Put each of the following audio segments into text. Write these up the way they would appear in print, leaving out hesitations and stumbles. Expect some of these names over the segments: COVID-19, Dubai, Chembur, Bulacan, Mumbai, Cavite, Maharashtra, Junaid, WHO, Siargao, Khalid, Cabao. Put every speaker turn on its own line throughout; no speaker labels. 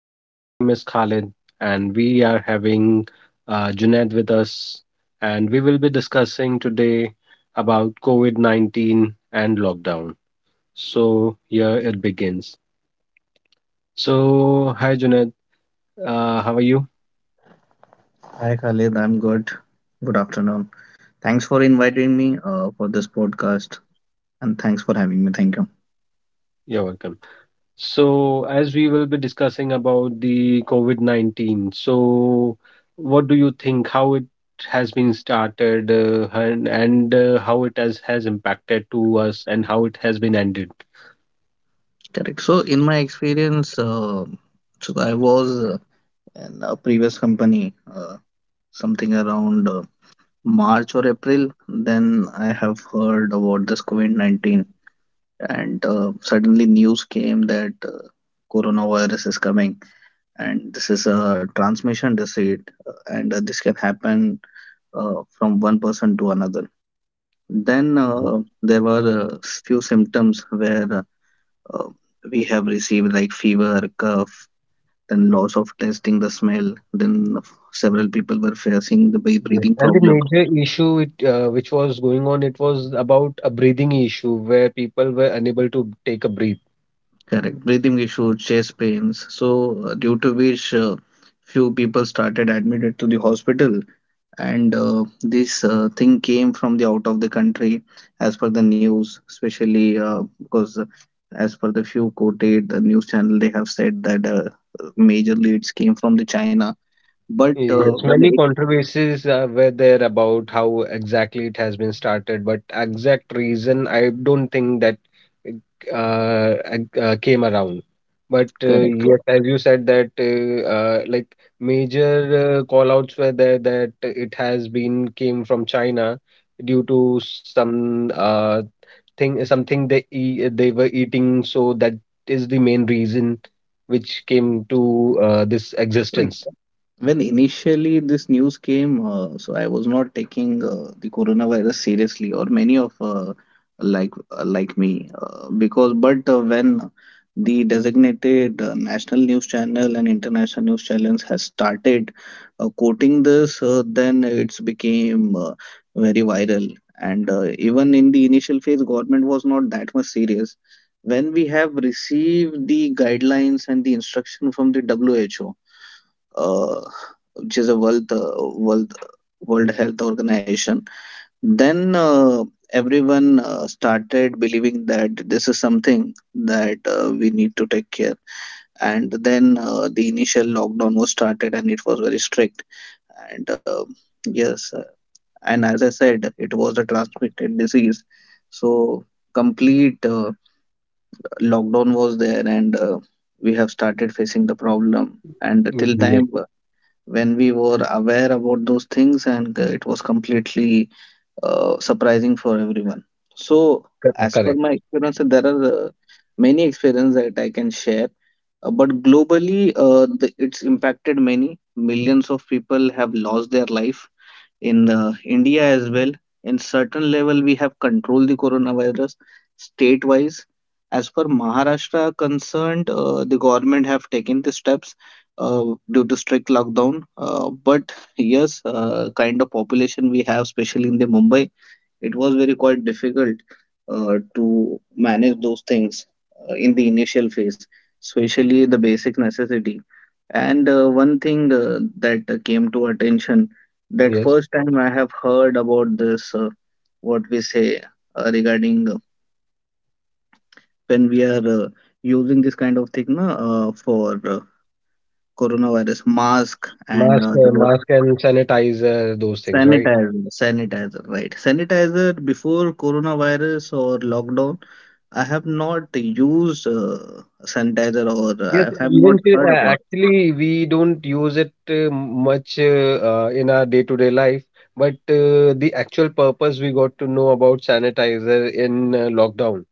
And my name is Khalid, and we are having Junaid with us. And we will be discussing today about COVID 19 and lockdown. So, here it begins. So, hi, Junaid. How are you?
Hi Khalid, I'm good. Good afternoon. Thanks for inviting me for this podcast and thanks for having me. Thank you.
You're welcome. So, as we will be discussing about the COVID-19, so what do you think how it has been started and how it has impacted to us and how it has been ended?
Correct. So, in my experience, so I was in a previous company, something around March or April. Then I have heard about this COVID-19, and suddenly news came that coronavirus is coming, and this is a transmission disease, and this can happen from one person to another. Then
Correct.
there were few symptoms where uh, we have received like fever, cough, then loss of tasting the smell. Then several people were facing the
Yes.
breathing
And the
problem,
major issue which was going on, it was about a breathing issue where people were unable to take a breath.
correct, breathing issues, chest pains. So due to which few people started admitted to the hospital and this thing came from the out of the country as per the news, especially because as per the few quoted the news channel, they have said that majorly it's came from the china, but
Yes,
when
many
it
controversies were there about how exactly it has been started, but exact reason I don't think that came around. But
correct.
yes, as you said that like major call outs were there that it has been came from China due to some thing something they were eating, so that is the main reason which came to this
Right.
existence.
When initially this news came, so I was not taking the coronavirus seriously, or many of like me, because but when the designated national news channel and international news channels has started quoting this, then it's became very viral. And even in the initial phase, government was not that much serious. When we have received the guidelines and the instruction from the WHO, uh, which is a World Health Organization, then everyone started believing that this is something that we need to take care. And then the initial lockdown was started, and it was very strict. And yes, uh, and as I said, it was a transmitted disease, so complete lockdown was there, and we have started facing the problem. And till
Yes.
time when we were aware about those things, and it was completely surprising for everyone. So
Correct,
as per
correct.
my experience, there are many experiences that I can share. But globally, it's impacted many millions of people have lost their life in India as well. In certain level, we have controlled the coronavirus state-wise. As per Maharashtra concerned, the government have taken the steps uh, due to strict lockdown. But yes, kind of population we have, especially in the Mumbai, it was very quite difficult to manage those things in the initial phase, especially the basic necessity. And one thing that came to attention that
Yes.
first time I have heard about this, what we say regarding when we are using this kind of thing na, for coronavirus mask and
Mask,
uh, the
uh, mask and sanitizer, those things, right?
sanitizer sanitizer right, sanitizer. Before coronavirus or lockdown, I have not used sanitizer or I
Yes,
have not heard about it.
actually, we don't use it much in our day-to-day life, but the actual purpose we got to know about sanitizer in lockdown.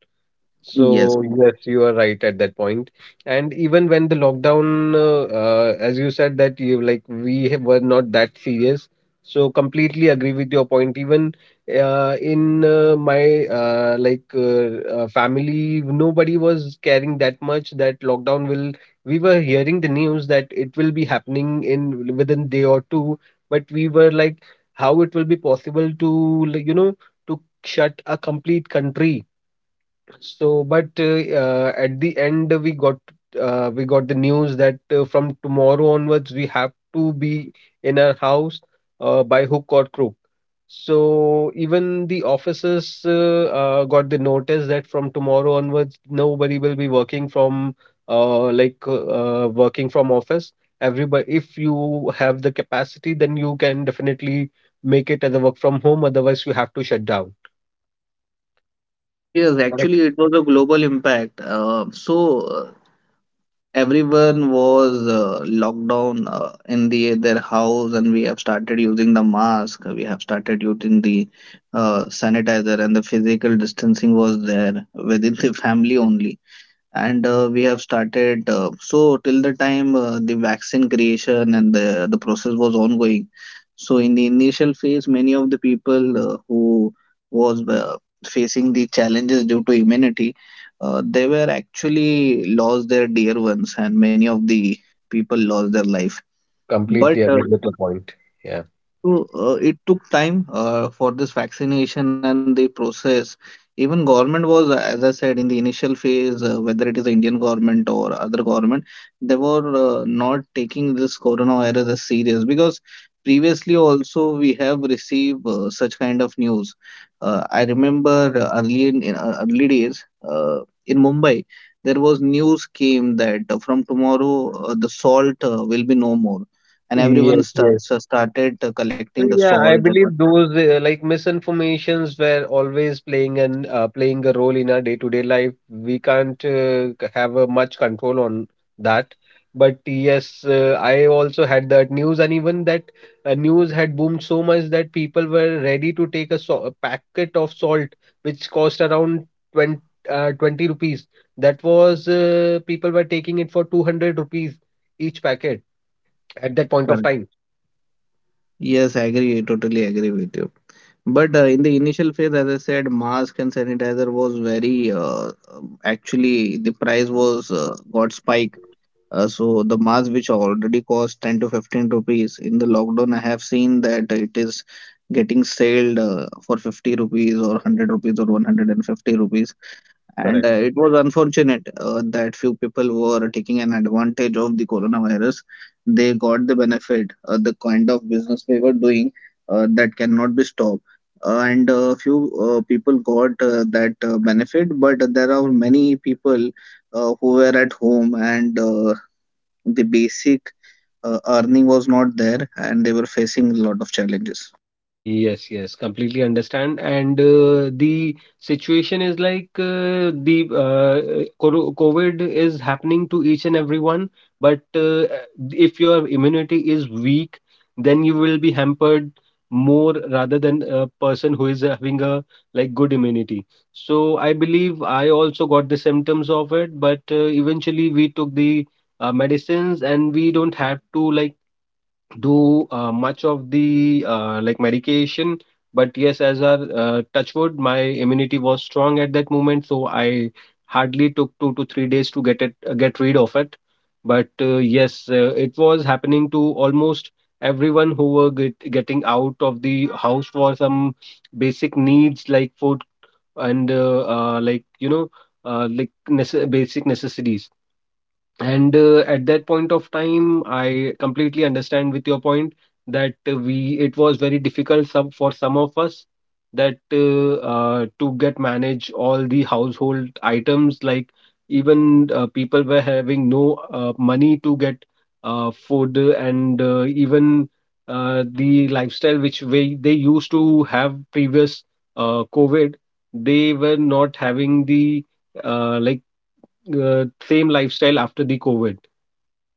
Yes.
So yes, you are right at that point. And even when the lockdown, as you said that you like were not that serious. So completely agree with your point. Even in my like family, nobody was caring that much that lockdown will. We were hearing the news that it will be happening in within day or two, but we were like, how it will be possible to like, to shut a complete country so, but at the end, we got the news that from tomorrow onwards, we have to be in our house by hook or crook. So even the offices got the notice that from tomorrow onwards, nobody will be working from like working from office. Everybody, if you have the capacity, then you can definitely make it as a work from home. Otherwise, you have to shut down.
Yes,
Correct.
actually it was a global impact, so uh, everyone was locked down in the their house, and we have started using the mask, we have started using the sanitizer, and the physical distancing was there within the family only. And we have started so till the time the vaccine creation and the process was ongoing. So in the initial phase, many of the people who was facing the challenges due to immunity, they were actually lost their dear ones, and many of the people lost their life. But
Completely agree with your point. Yeah.
it took time for this vaccination and the process. Even government was, as I said, in the initial phase, whether it is the Indian government or other government, they were not taking this coronavirus as serious, because previously also we have received such kind of news. I remember early days in Mumbai, there was news came that from tomorrow the salt will be no more, and
Yes,
everyone
yes.
starts started collecting
So
the
yeah, I
salt. And the
believe those like misinformations were always playing a role in our day-to-day life. We can't have much control on that. But yes, I also had that news, and even that news had boomed so much that people were ready to take a packet of salt, which cost around 20, uh, 20 rupees. That was people were taking it for 200 rupees each packet at that point of
current.
time.
Yes, I agree. Totally agree with you. But in the initial phase, as I said, mask and sanitizer was very actually the price was got spike. So the mask which already cost 10 to 15 rupees, in the lockdown I have seen that it is getting sold for 50 rupees or 100 rupees or 150 rupees, and it was unfortunate that few people were taking an advantage of the coronavirus. They got the benefit, the kind of business they were doing that cannot be stopped. And few people got that benefit, but there are many people who were at home, and the basic earning was not there, and they were facing a lot of challenges.
Yes, yes, completely understand. And the situation is like the COVID is happening to each and everyone. But if your immunity is weak, then you will be hampered more rather than a person who is having a like good immunity. So I believe I also got the symptoms of it, but eventually we took the medicines and we don't have to like do much of the like medication but yes as a touch wood my immunity was strong at that moment so I hardly took 2 to 3 days to get it get rid of it but yes it was happening to almost everyone who were getting out of the house for some basic needs like food and like basic necessities and at that point of time, I completely understand with your point that we it was very difficult for some of us that to get manage all the household items. Like even people were having no money to get food, and even the lifestyle which they used to have previous COVID, they were not having the like same lifestyle after the COVID.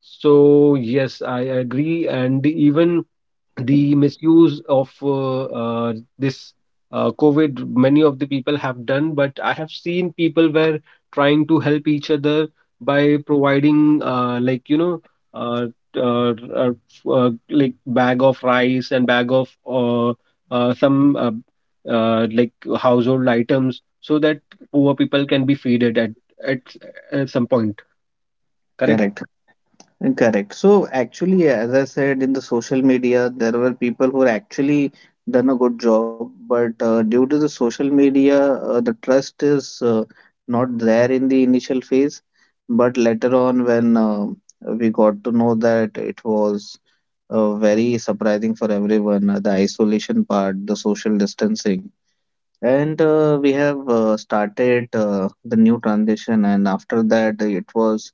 So yes, I agree, and even the misuse of this COVID, many of the people have done, but I have seen people were trying to help each other by providing, like, uh, uh, uh, like bag of rice and bag of some like household items so that poor people can be fed at, at some point. Correct?
Correct. Correct. So actually, as I said, in the social media there were people who actually done a good job, but due to the social media, the trust is not there in the initial phase. But later on, when we got to know that it was very surprising for everyone, the isolation part, the social distancing, and we have started the new transition, and after that, it was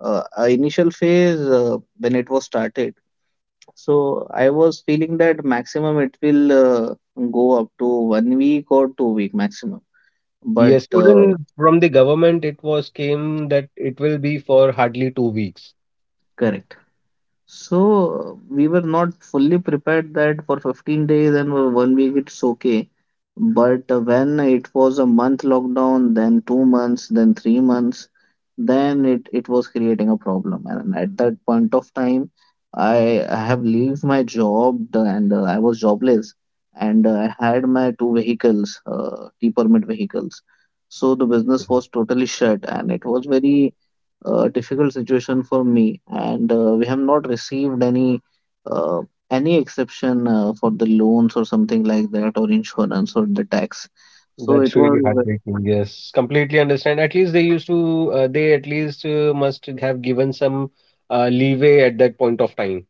initial phase when it was started, so I was feeling that maximum it will go up to 1 week or 2 week maximum. But
Yes, even from the government, it was came that it will be for hardly 2 weeks.
correct So we were not fully prepared that for 15 days and for 1 week it's okay. But when it was a month lockdown, then 2 months, then 3 months, then it was creating a problem. And at that point of time, I have leave my job, and I was jobless, and I had my two vehicles, T permit vehicles. So the
Okay.
business was totally shut, and it was very difficult situation for me, and we have not received uh, any exception for the loans or something like that, or insurance or the tax. So
That's
it
really
was
heartbreaking. Yes, completely understand. At least they at least must have given some leeway at that point of time.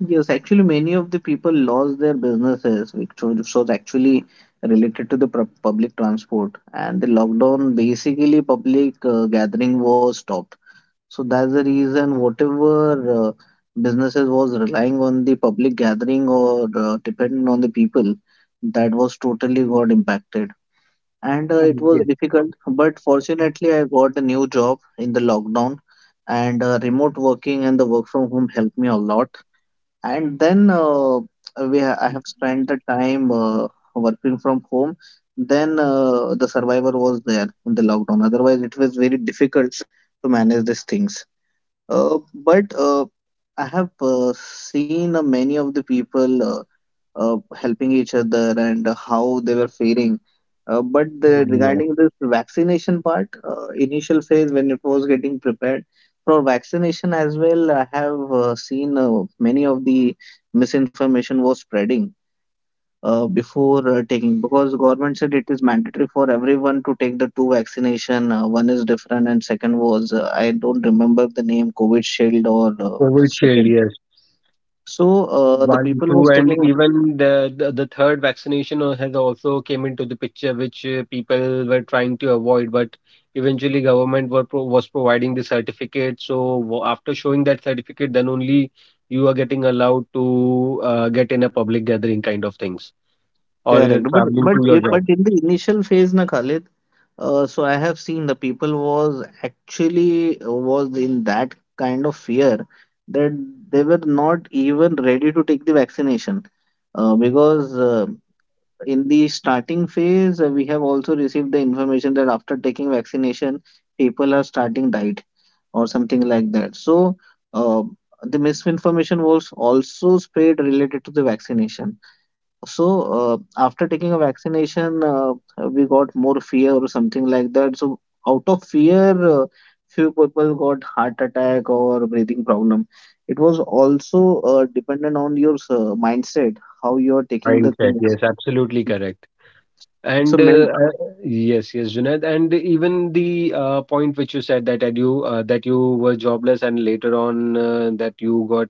yes, actually many of the people lost their businesses, which was actually related to the public transport, and the lockdown basically public gathering was stopped. So that's the reason whatever businesses was relying on the public gathering or dependent on the people, that was totally got impacted. And it
Mm.
was
Yes.
difficult, but fortunately, I got a new job in the lockdown, and remote working and the work from home helped me a lot. And then I have spent the time working from home. Then the survivor was there in the lockdown. Otherwise, it was very difficult to manage these things. But I have seen many of the people helping each other, and how they were faring. But the,
Yes.
regarding this vaccination part, initial phase when it was getting prepared for vaccination as well, I have seen many of the misinformation was spreading before taking, because government said it is mandatory for everyone to take the two vaccination, one is different and second was I don't remember the name, covid shield or
Provincial,
second.
yes.
So the
One,
people
two,
was
and
taking
even the third vaccination has also came into the picture, which people were trying to avoid, but eventually government were pro was providing the certificate. So after showing that certificate, then only you are getting allowed to get in a public gathering kind of things, or you're
correct. but
traveling
but
to your
if,
job.
but in the initial phase na Khalid, so I have seen the people was actually was in that kind of fear that they were not even ready to take the vaccination because in the starting phase, we have also received the information that after taking vaccination, people are starting diet or something like that. So, uh, the misinformation was also spread related to the vaccination. So, after taking a vaccination, we got more fear or something like that. So, out of fear, uh, few people got heart attack or breathing problem. It was also dependent on your mindset, how you are taking the
Mindset,
things.
yes, absolutely correct.
So,
And
men.
yes, yes, Junaid, and even the point which you said that you were jobless and later on that you got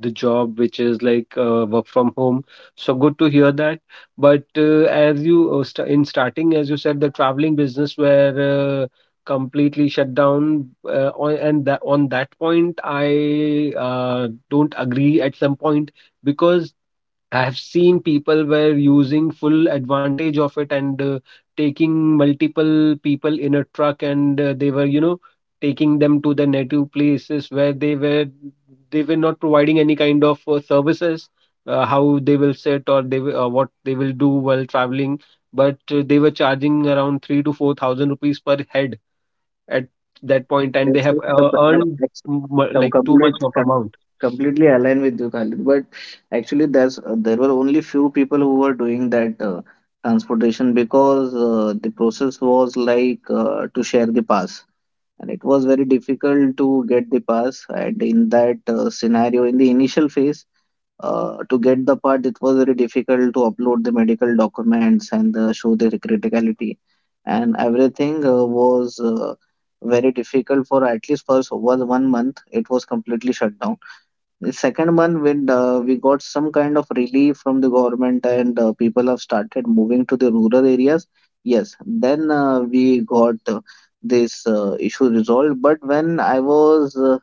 the job which is like work from home. So good to hear that. But as you st in starting, as you said, the traveling business were completely shut down. On that point, I don't agree at some point because. I've seen people were using full advantage of it and taking multiple people in a truck and they were taking them to the native places where they were not providing any kind of services, how they will sit or what they will do while traveling, but they were charging around three to four thousand rupees per head at that point, and
Yes,
they
yes,
have earned m-
com-
like too much
complete,
of
com-
amount.
completely aligned with you, Khalid. But actually, there were only few people who were doing that transportation, because the process was like to share the pass, and it was very difficult to get the pass. And in that scenario, in the initial phase, to get the part, it was very difficult to upload the medical documents and show the criticality, and everything was very difficult for at least first was 1 month. It was completely shut down. The second month, when we got some kind of relief from the government, and people have started moving to the rural areas, yes, then we got this issue resolved. But when I was uh,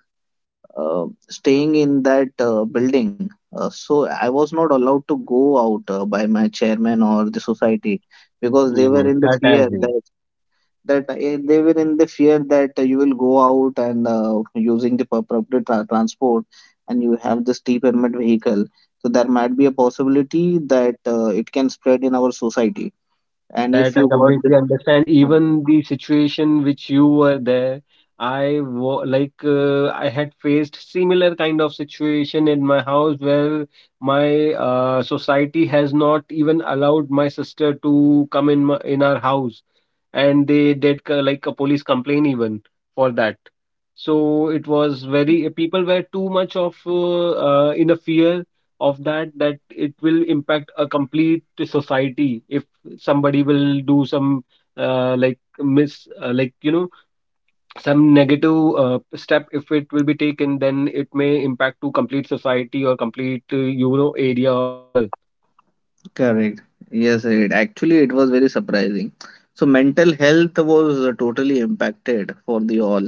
uh, staying in that building. So I was not allowed to go out by my chairman or the society because they
Yes,
were in the
that I
fear
agree.
that that they were in the fear that you will go out and using the public transport, and you have this T permit vehicle. So there might be a possibility that it can spread in our society. And if
That I
you got this,
completely understand.
uh,
Even the situation which you were there, I wa like I had faced similar kind of situation in my house where my society has not even allowed my sister to come in in our house, and they did like a police complaint even for that. So it was very people were too much of in a fear of that that it will impact a complete society if somebody will do some like miss like some negative step if it will be taken then it may impact to complete society or complete area as well.
correct. Yes, it actually it was very surprising. So mental health was totally impacted for the all.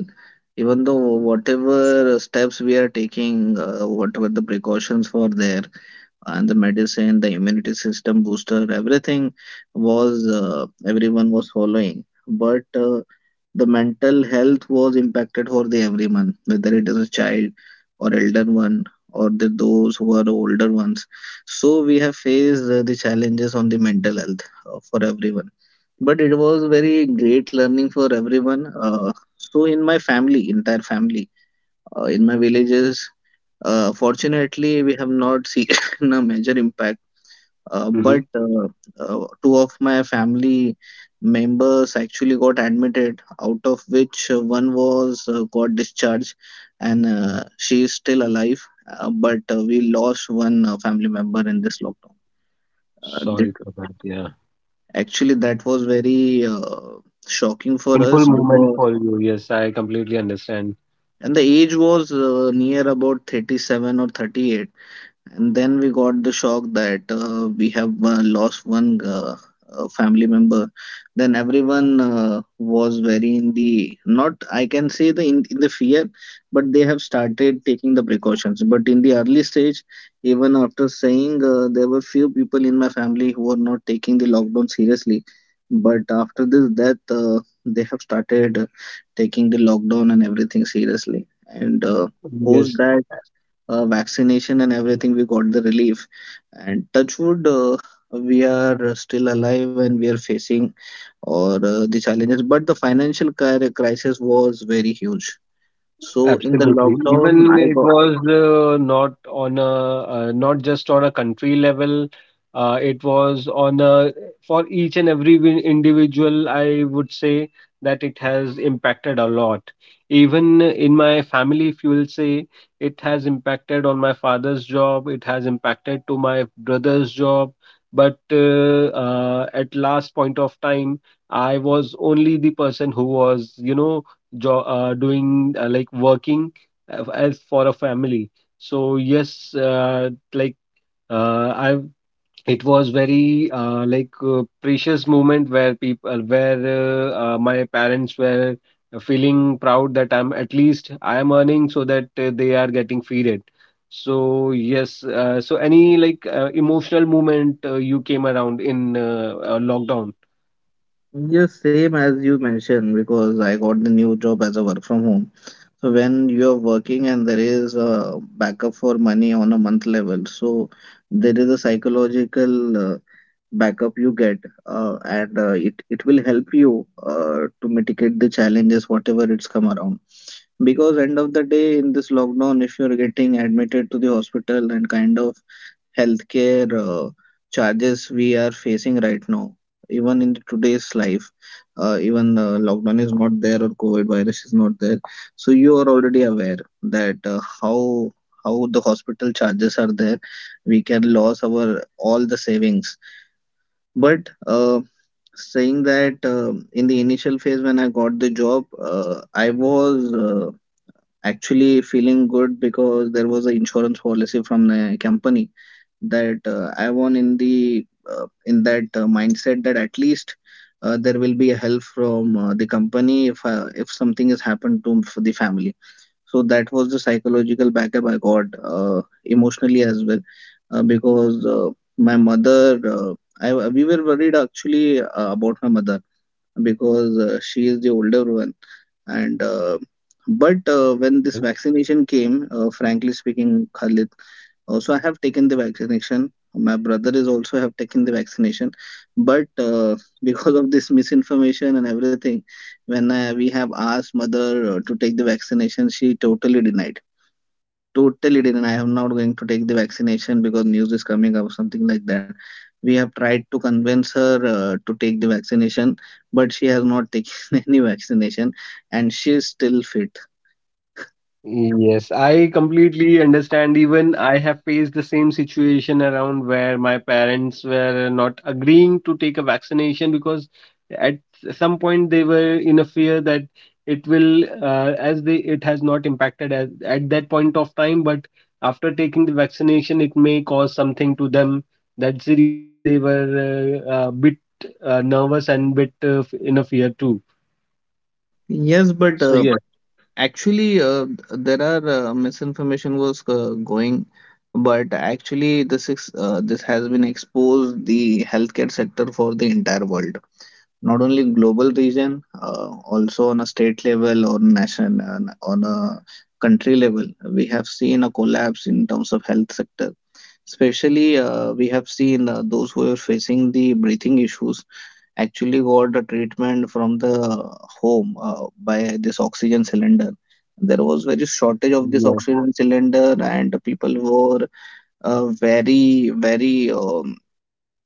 Even though whatever steps we are taking, whatever the precautions were there, and the medicine, the immunity system booster, everything was everyone was following. But the mental health was impacted for the everyone, whether it is a child or elder one or the those who are older ones. So we have faced the challenges on the mental health for everyone. But it was very great learning for everyone. So in my family, entire family, in my villages, fortunately, we have not seen a major impact.
Hmm.
But two of my family members actually got admitted, out of which one was got discharged, and she is still alive. But we lost one family member in this lockdown. Uh, that,
Sorry for that. Yeah.
actually, that was very shocking for
Painful
us
moment
because,
for you. Yes, I completely understand.
and the age was near about 37 or 38. And then we got the shock that we have lost one family member. Then everyone was very in the, not I can say the in the fear, but they have started taking the precautions. But in the early stage, even after saying there were few people in my family who were not taking the lockdown seriously. But after this death, they have started taking the lockdown and everything seriously. And post
Yes.
that vaccination and everything, we got the relief, and touch wood, we are still alive and we are facing or the challenges, but the financial crisis was very huge. So in the
Absolutely.
lockdown
Even
I
it
got,
was not just on a country level. It was on a for each and every individual. I would say that it has impacted a lot. Even in my family, if you will say, it has impacted on my father's job. It has impacted to my brother's job. But at last point of time, I was only the person who was, doing like working as for a family. So yes, like I it was very like precious moment where my parents were feeling proud that I'm at least I am earning so that they are getting feeded. So yes, so any like emotional moment you came around in lockdown?
yes, same as you mentioned, because I got the new job as a work from home. So when you're working and there is a backup for money on a month level, so there is a psychological backup you get, and it will help you to mitigate the challenges whatever it's come around. Because end of the day in this lockdown, if you're getting admitted to the hospital and kind of healthcare charges we are facing right now, even in today's life, even lockdown is not there or COVID virus is not there, so you are already aware that how the hospital charges are there. We can lose our all the savings. But saying that in the initial phase when I got the job, I was actually feeling good because there was an insurance policy from the company that I won in the in that mindset that at least. There will be a help from the company if something has happened to the family, so that was the psychological backup I got emotionally as well, because my mother. I We were worried actually about my mother because she is the older one, and but when this vaccination came, frankly speaking, Khalid, also I have taken the vaccination, my brother is also have taken the vaccination, but because of this misinformation and everything, we have asked mother to take the vaccination, she totally denied, totally didn't. I am not going to take the vaccination because news is coming up, something like that. We have tried to convince her to take the vaccination, but she has not taken any vaccination, and she is still fit.
Yes, I completely understand. Even I have faced the same situation around where my parents were not agreeing to take a vaccination because at some point they were in a fear that it will, as they it has not impacted at that point of time, but after taking the vaccination, it may cause something to them. That's the reason they were a bit nervous and bit in a fear too.
Yes, but
So yes,
actually, there are misinformation was going, but actually, this has been exposed the healthcare sector for the entire world. Not only global region, also on a state level or nation, on a country level, we have seen a collapse in terms of health sector. Especially we have seen those who are facing the breathing issues actually got the treatment from the home by this oxygen cylinder. There was very shortage of this oxygen cylinder, and people were very very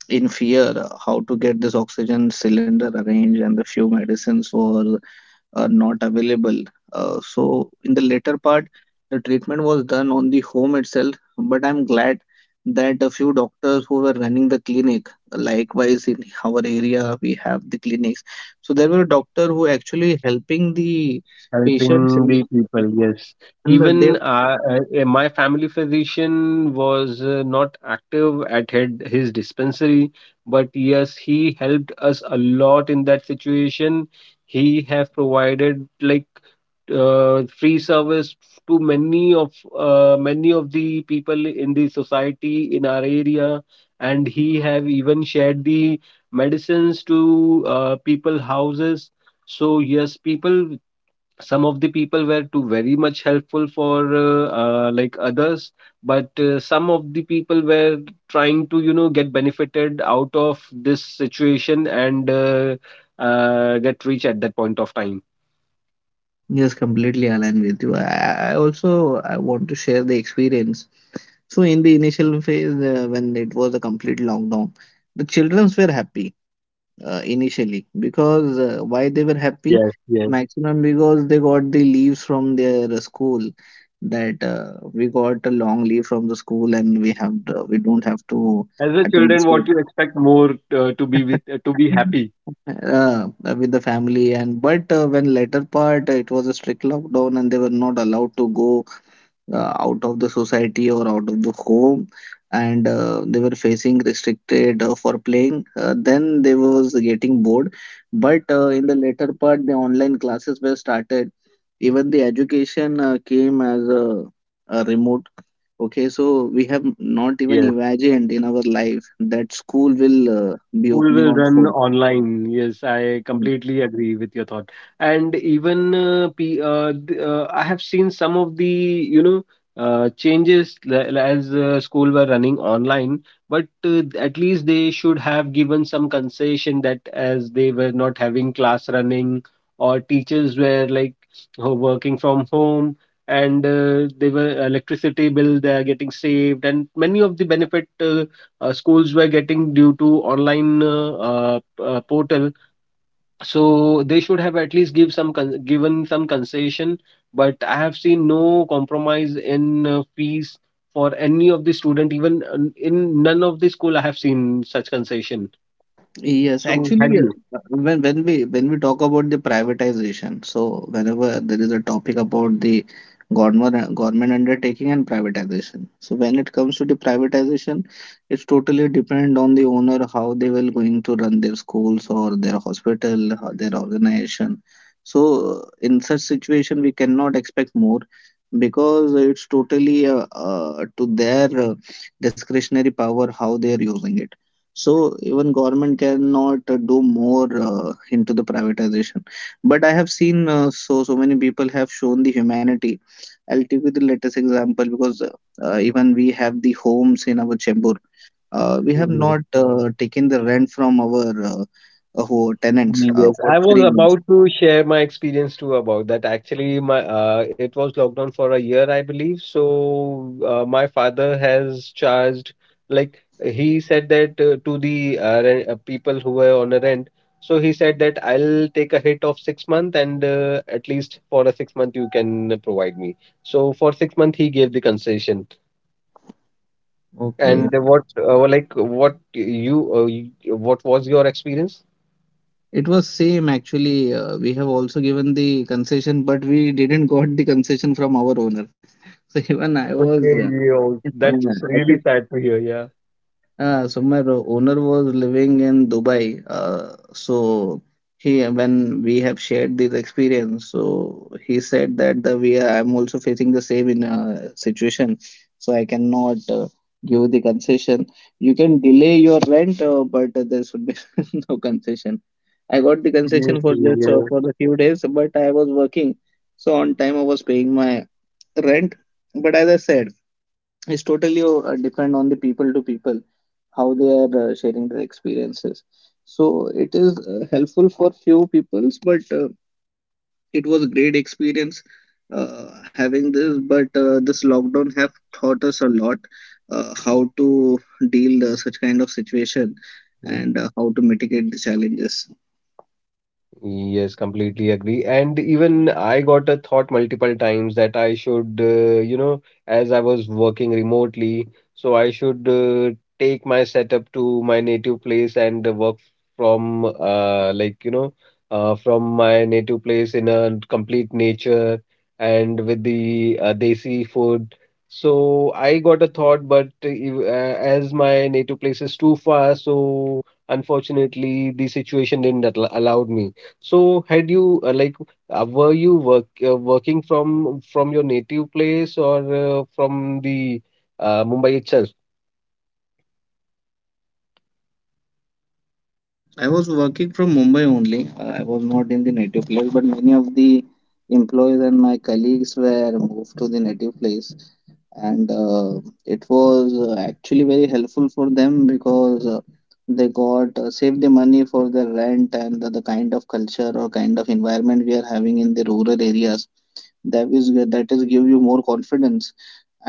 in fear how to get this oxygen cylinder arranged, and the few medicines were not available. So in the later part, the treatment was done on the home itself, but I'm glad that a few doctors who were running the clinic, likewise in our area we have the clinics, so there were doctors who actually helping the patients
helping
in,
the people, yes.
and they,
Even my family physician was not active at head, his dispensary, but yes, he helped us a lot in that situation. He have provided like free service to many of the people in the society in our area, and he have even shared the medicines to people houses. So yes, people some of the people were too very much helpful for like others but some of the people were trying to get benefited out of this situation and get rich at that point of time.
yes, completely align with you. I also I want to share the experience. So in the initial phase, when it was a complete lockdown, the childrens were happy initially, because why they were happy?
Yes, yes,
Maximum because they got the leaves from their school, that we got a long leave from the school and we don't have to
as a
attend the
children
school
what you expect more to be with to be happy
uh, with the family. And but uh, when later part, it was a strict lockdown and they were not allowed to go out of the society or out of the home, and they were facing restricted for playing, then they was getting bored. But in the later part, the online classes were started, even the education came as a remote, okay? So we have not even
yes.
imagined in our life that school will be
School
opening
will
on
run
phone.
online. Yes, I completely agree with your thought. And even I have seen some of the you know changes as school were running online, but at least they should have given some concession that as they were not having class running or teachers were like working from home and they were electricity bill they are getting saved and many of the benefit schools were getting due to online portal so they should have at least given some concession but I have seen no compromise in fees for any of the student even in none of the school I have seen such concession
Yes,
so had
actually, when we talk about the privatization, so whenever there is a topic about the government undertaking and privatization, so when it comes to the privatization, it's totally dependent on the owner how they will going to run their schools or their hospital, or their organization. So in such situation, we cannot expect more because it's totally to their discretionary power how they are using it. So even government cannot do more into the privatization. But I have seen so so many people have shown the humanity. I'll give you the latest example because even we have the homes in our Chembur. We have
you.
not taken the rent from our tenants
Yes,
for
I was
3 months.
about to share my experience too about that. Actually, my it was locked down for a year, I believe. So my father has charged, like he said that to the people who were on a rent. So he said that I'll take a hit of 6 month and at least for a 6 month you can provide me. So for 6 month he gave the concession.
Okay,
And what like what was your experience?
it was same actually. We have also given the concession, but we didn't got the concession from our owner. So even I was
Okay, yo, that's
actually.
really sad to hear. Yeah.
So my ro- owner was living in Dubai. He, when we have shared this experience, so he said that the we are, I'm also facing the same in situation. So I cannot give the concession. You can delay your rent, but there should be no concession. I got the
Yes,
concession for just
yes.
for the few days, but I was working, so on time I was paying my rent. But as I said, it's totally depend on the people to people, how they are sharing their experiences, so it is helpful for few peoples, but it was a great experience having this. But this lockdown have taught us a lot, how to deal such kind of situation, and how to mitigate the challenges.
Yes, completely agree. And even I got a thought multiple times that I should, you know, as I was working remotely, so I should take my setup to my native place and work like, from my native place in a complete nature and with the desi food. So I got a thought, but as my native place is too far, so unfortunately the situation didn't al allowed me. So had you like were you working from your native place or from the Mumbai itself?
I was working from Mumbai only. I was not in the native place, but many of the employees and my colleagues were moved to the native place, and it was actually very helpful for them, because they got saved the money for their rent. And the kind of culture or kind of environment we are having in the rural areas, that is give you more confidence,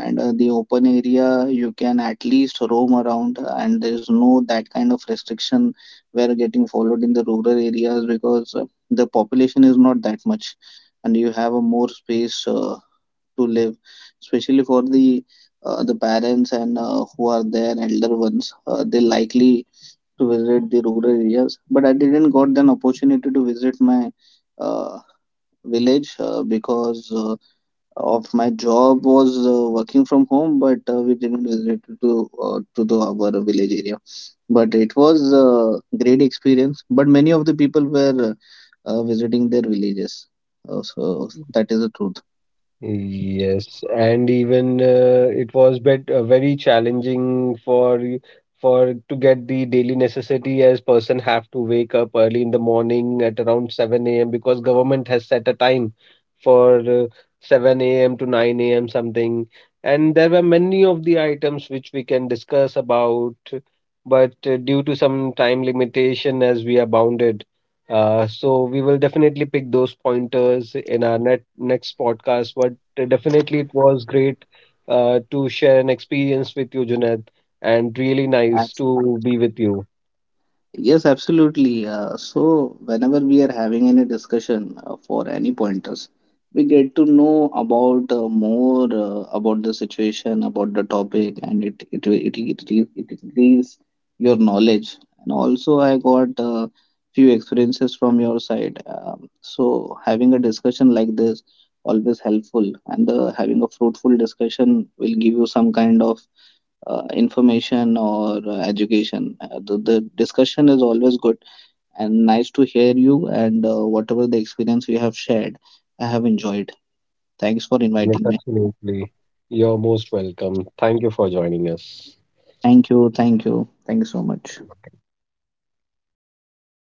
and the open area you can at least roam around, and there is no that kind of restriction were getting followed in the rural areas, because the population is not that much, and you have a more space to live, especially for the parents and who are their elder ones. They likely to visit the rural areas, but I didn't got an opportunity to visit my uh, village because of my job was working from home, but we didn't visit to the our village area. But it was a great experience. But many of the people were visiting their villages. So that is the
Yes, and even it was bet very challenging for for to get the daily necessity as person have to wake up early in the morning at around 7 a.m. because government has set a time for 7 a.m. to 9 a.m. something. And there were many of the items which we can discuss about, but due to some time limitation as we are bounded, so we will definitely pick those pointers in our next podcast. But definitely, it was great to share an experience with you, Junaid, and really nice
truth.
to be with you.
Yes, absolutely. So, whenever we are having any discussion for any pointers, we get to know about more about the situation, about the topic, and it increase your knowledge. And also, I got few experiences from your side. So, having a discussion like this always helpful, and having a fruitful discussion will give you some kind of information or education. The discussion is always good and nice to hear you, and whatever the experience you have shared, I have enjoyed. Thanks for
Yes,
inviting me.
absolutely. You're most welcome. Thank you for joining us.
Thank you, thank you, thank you so much.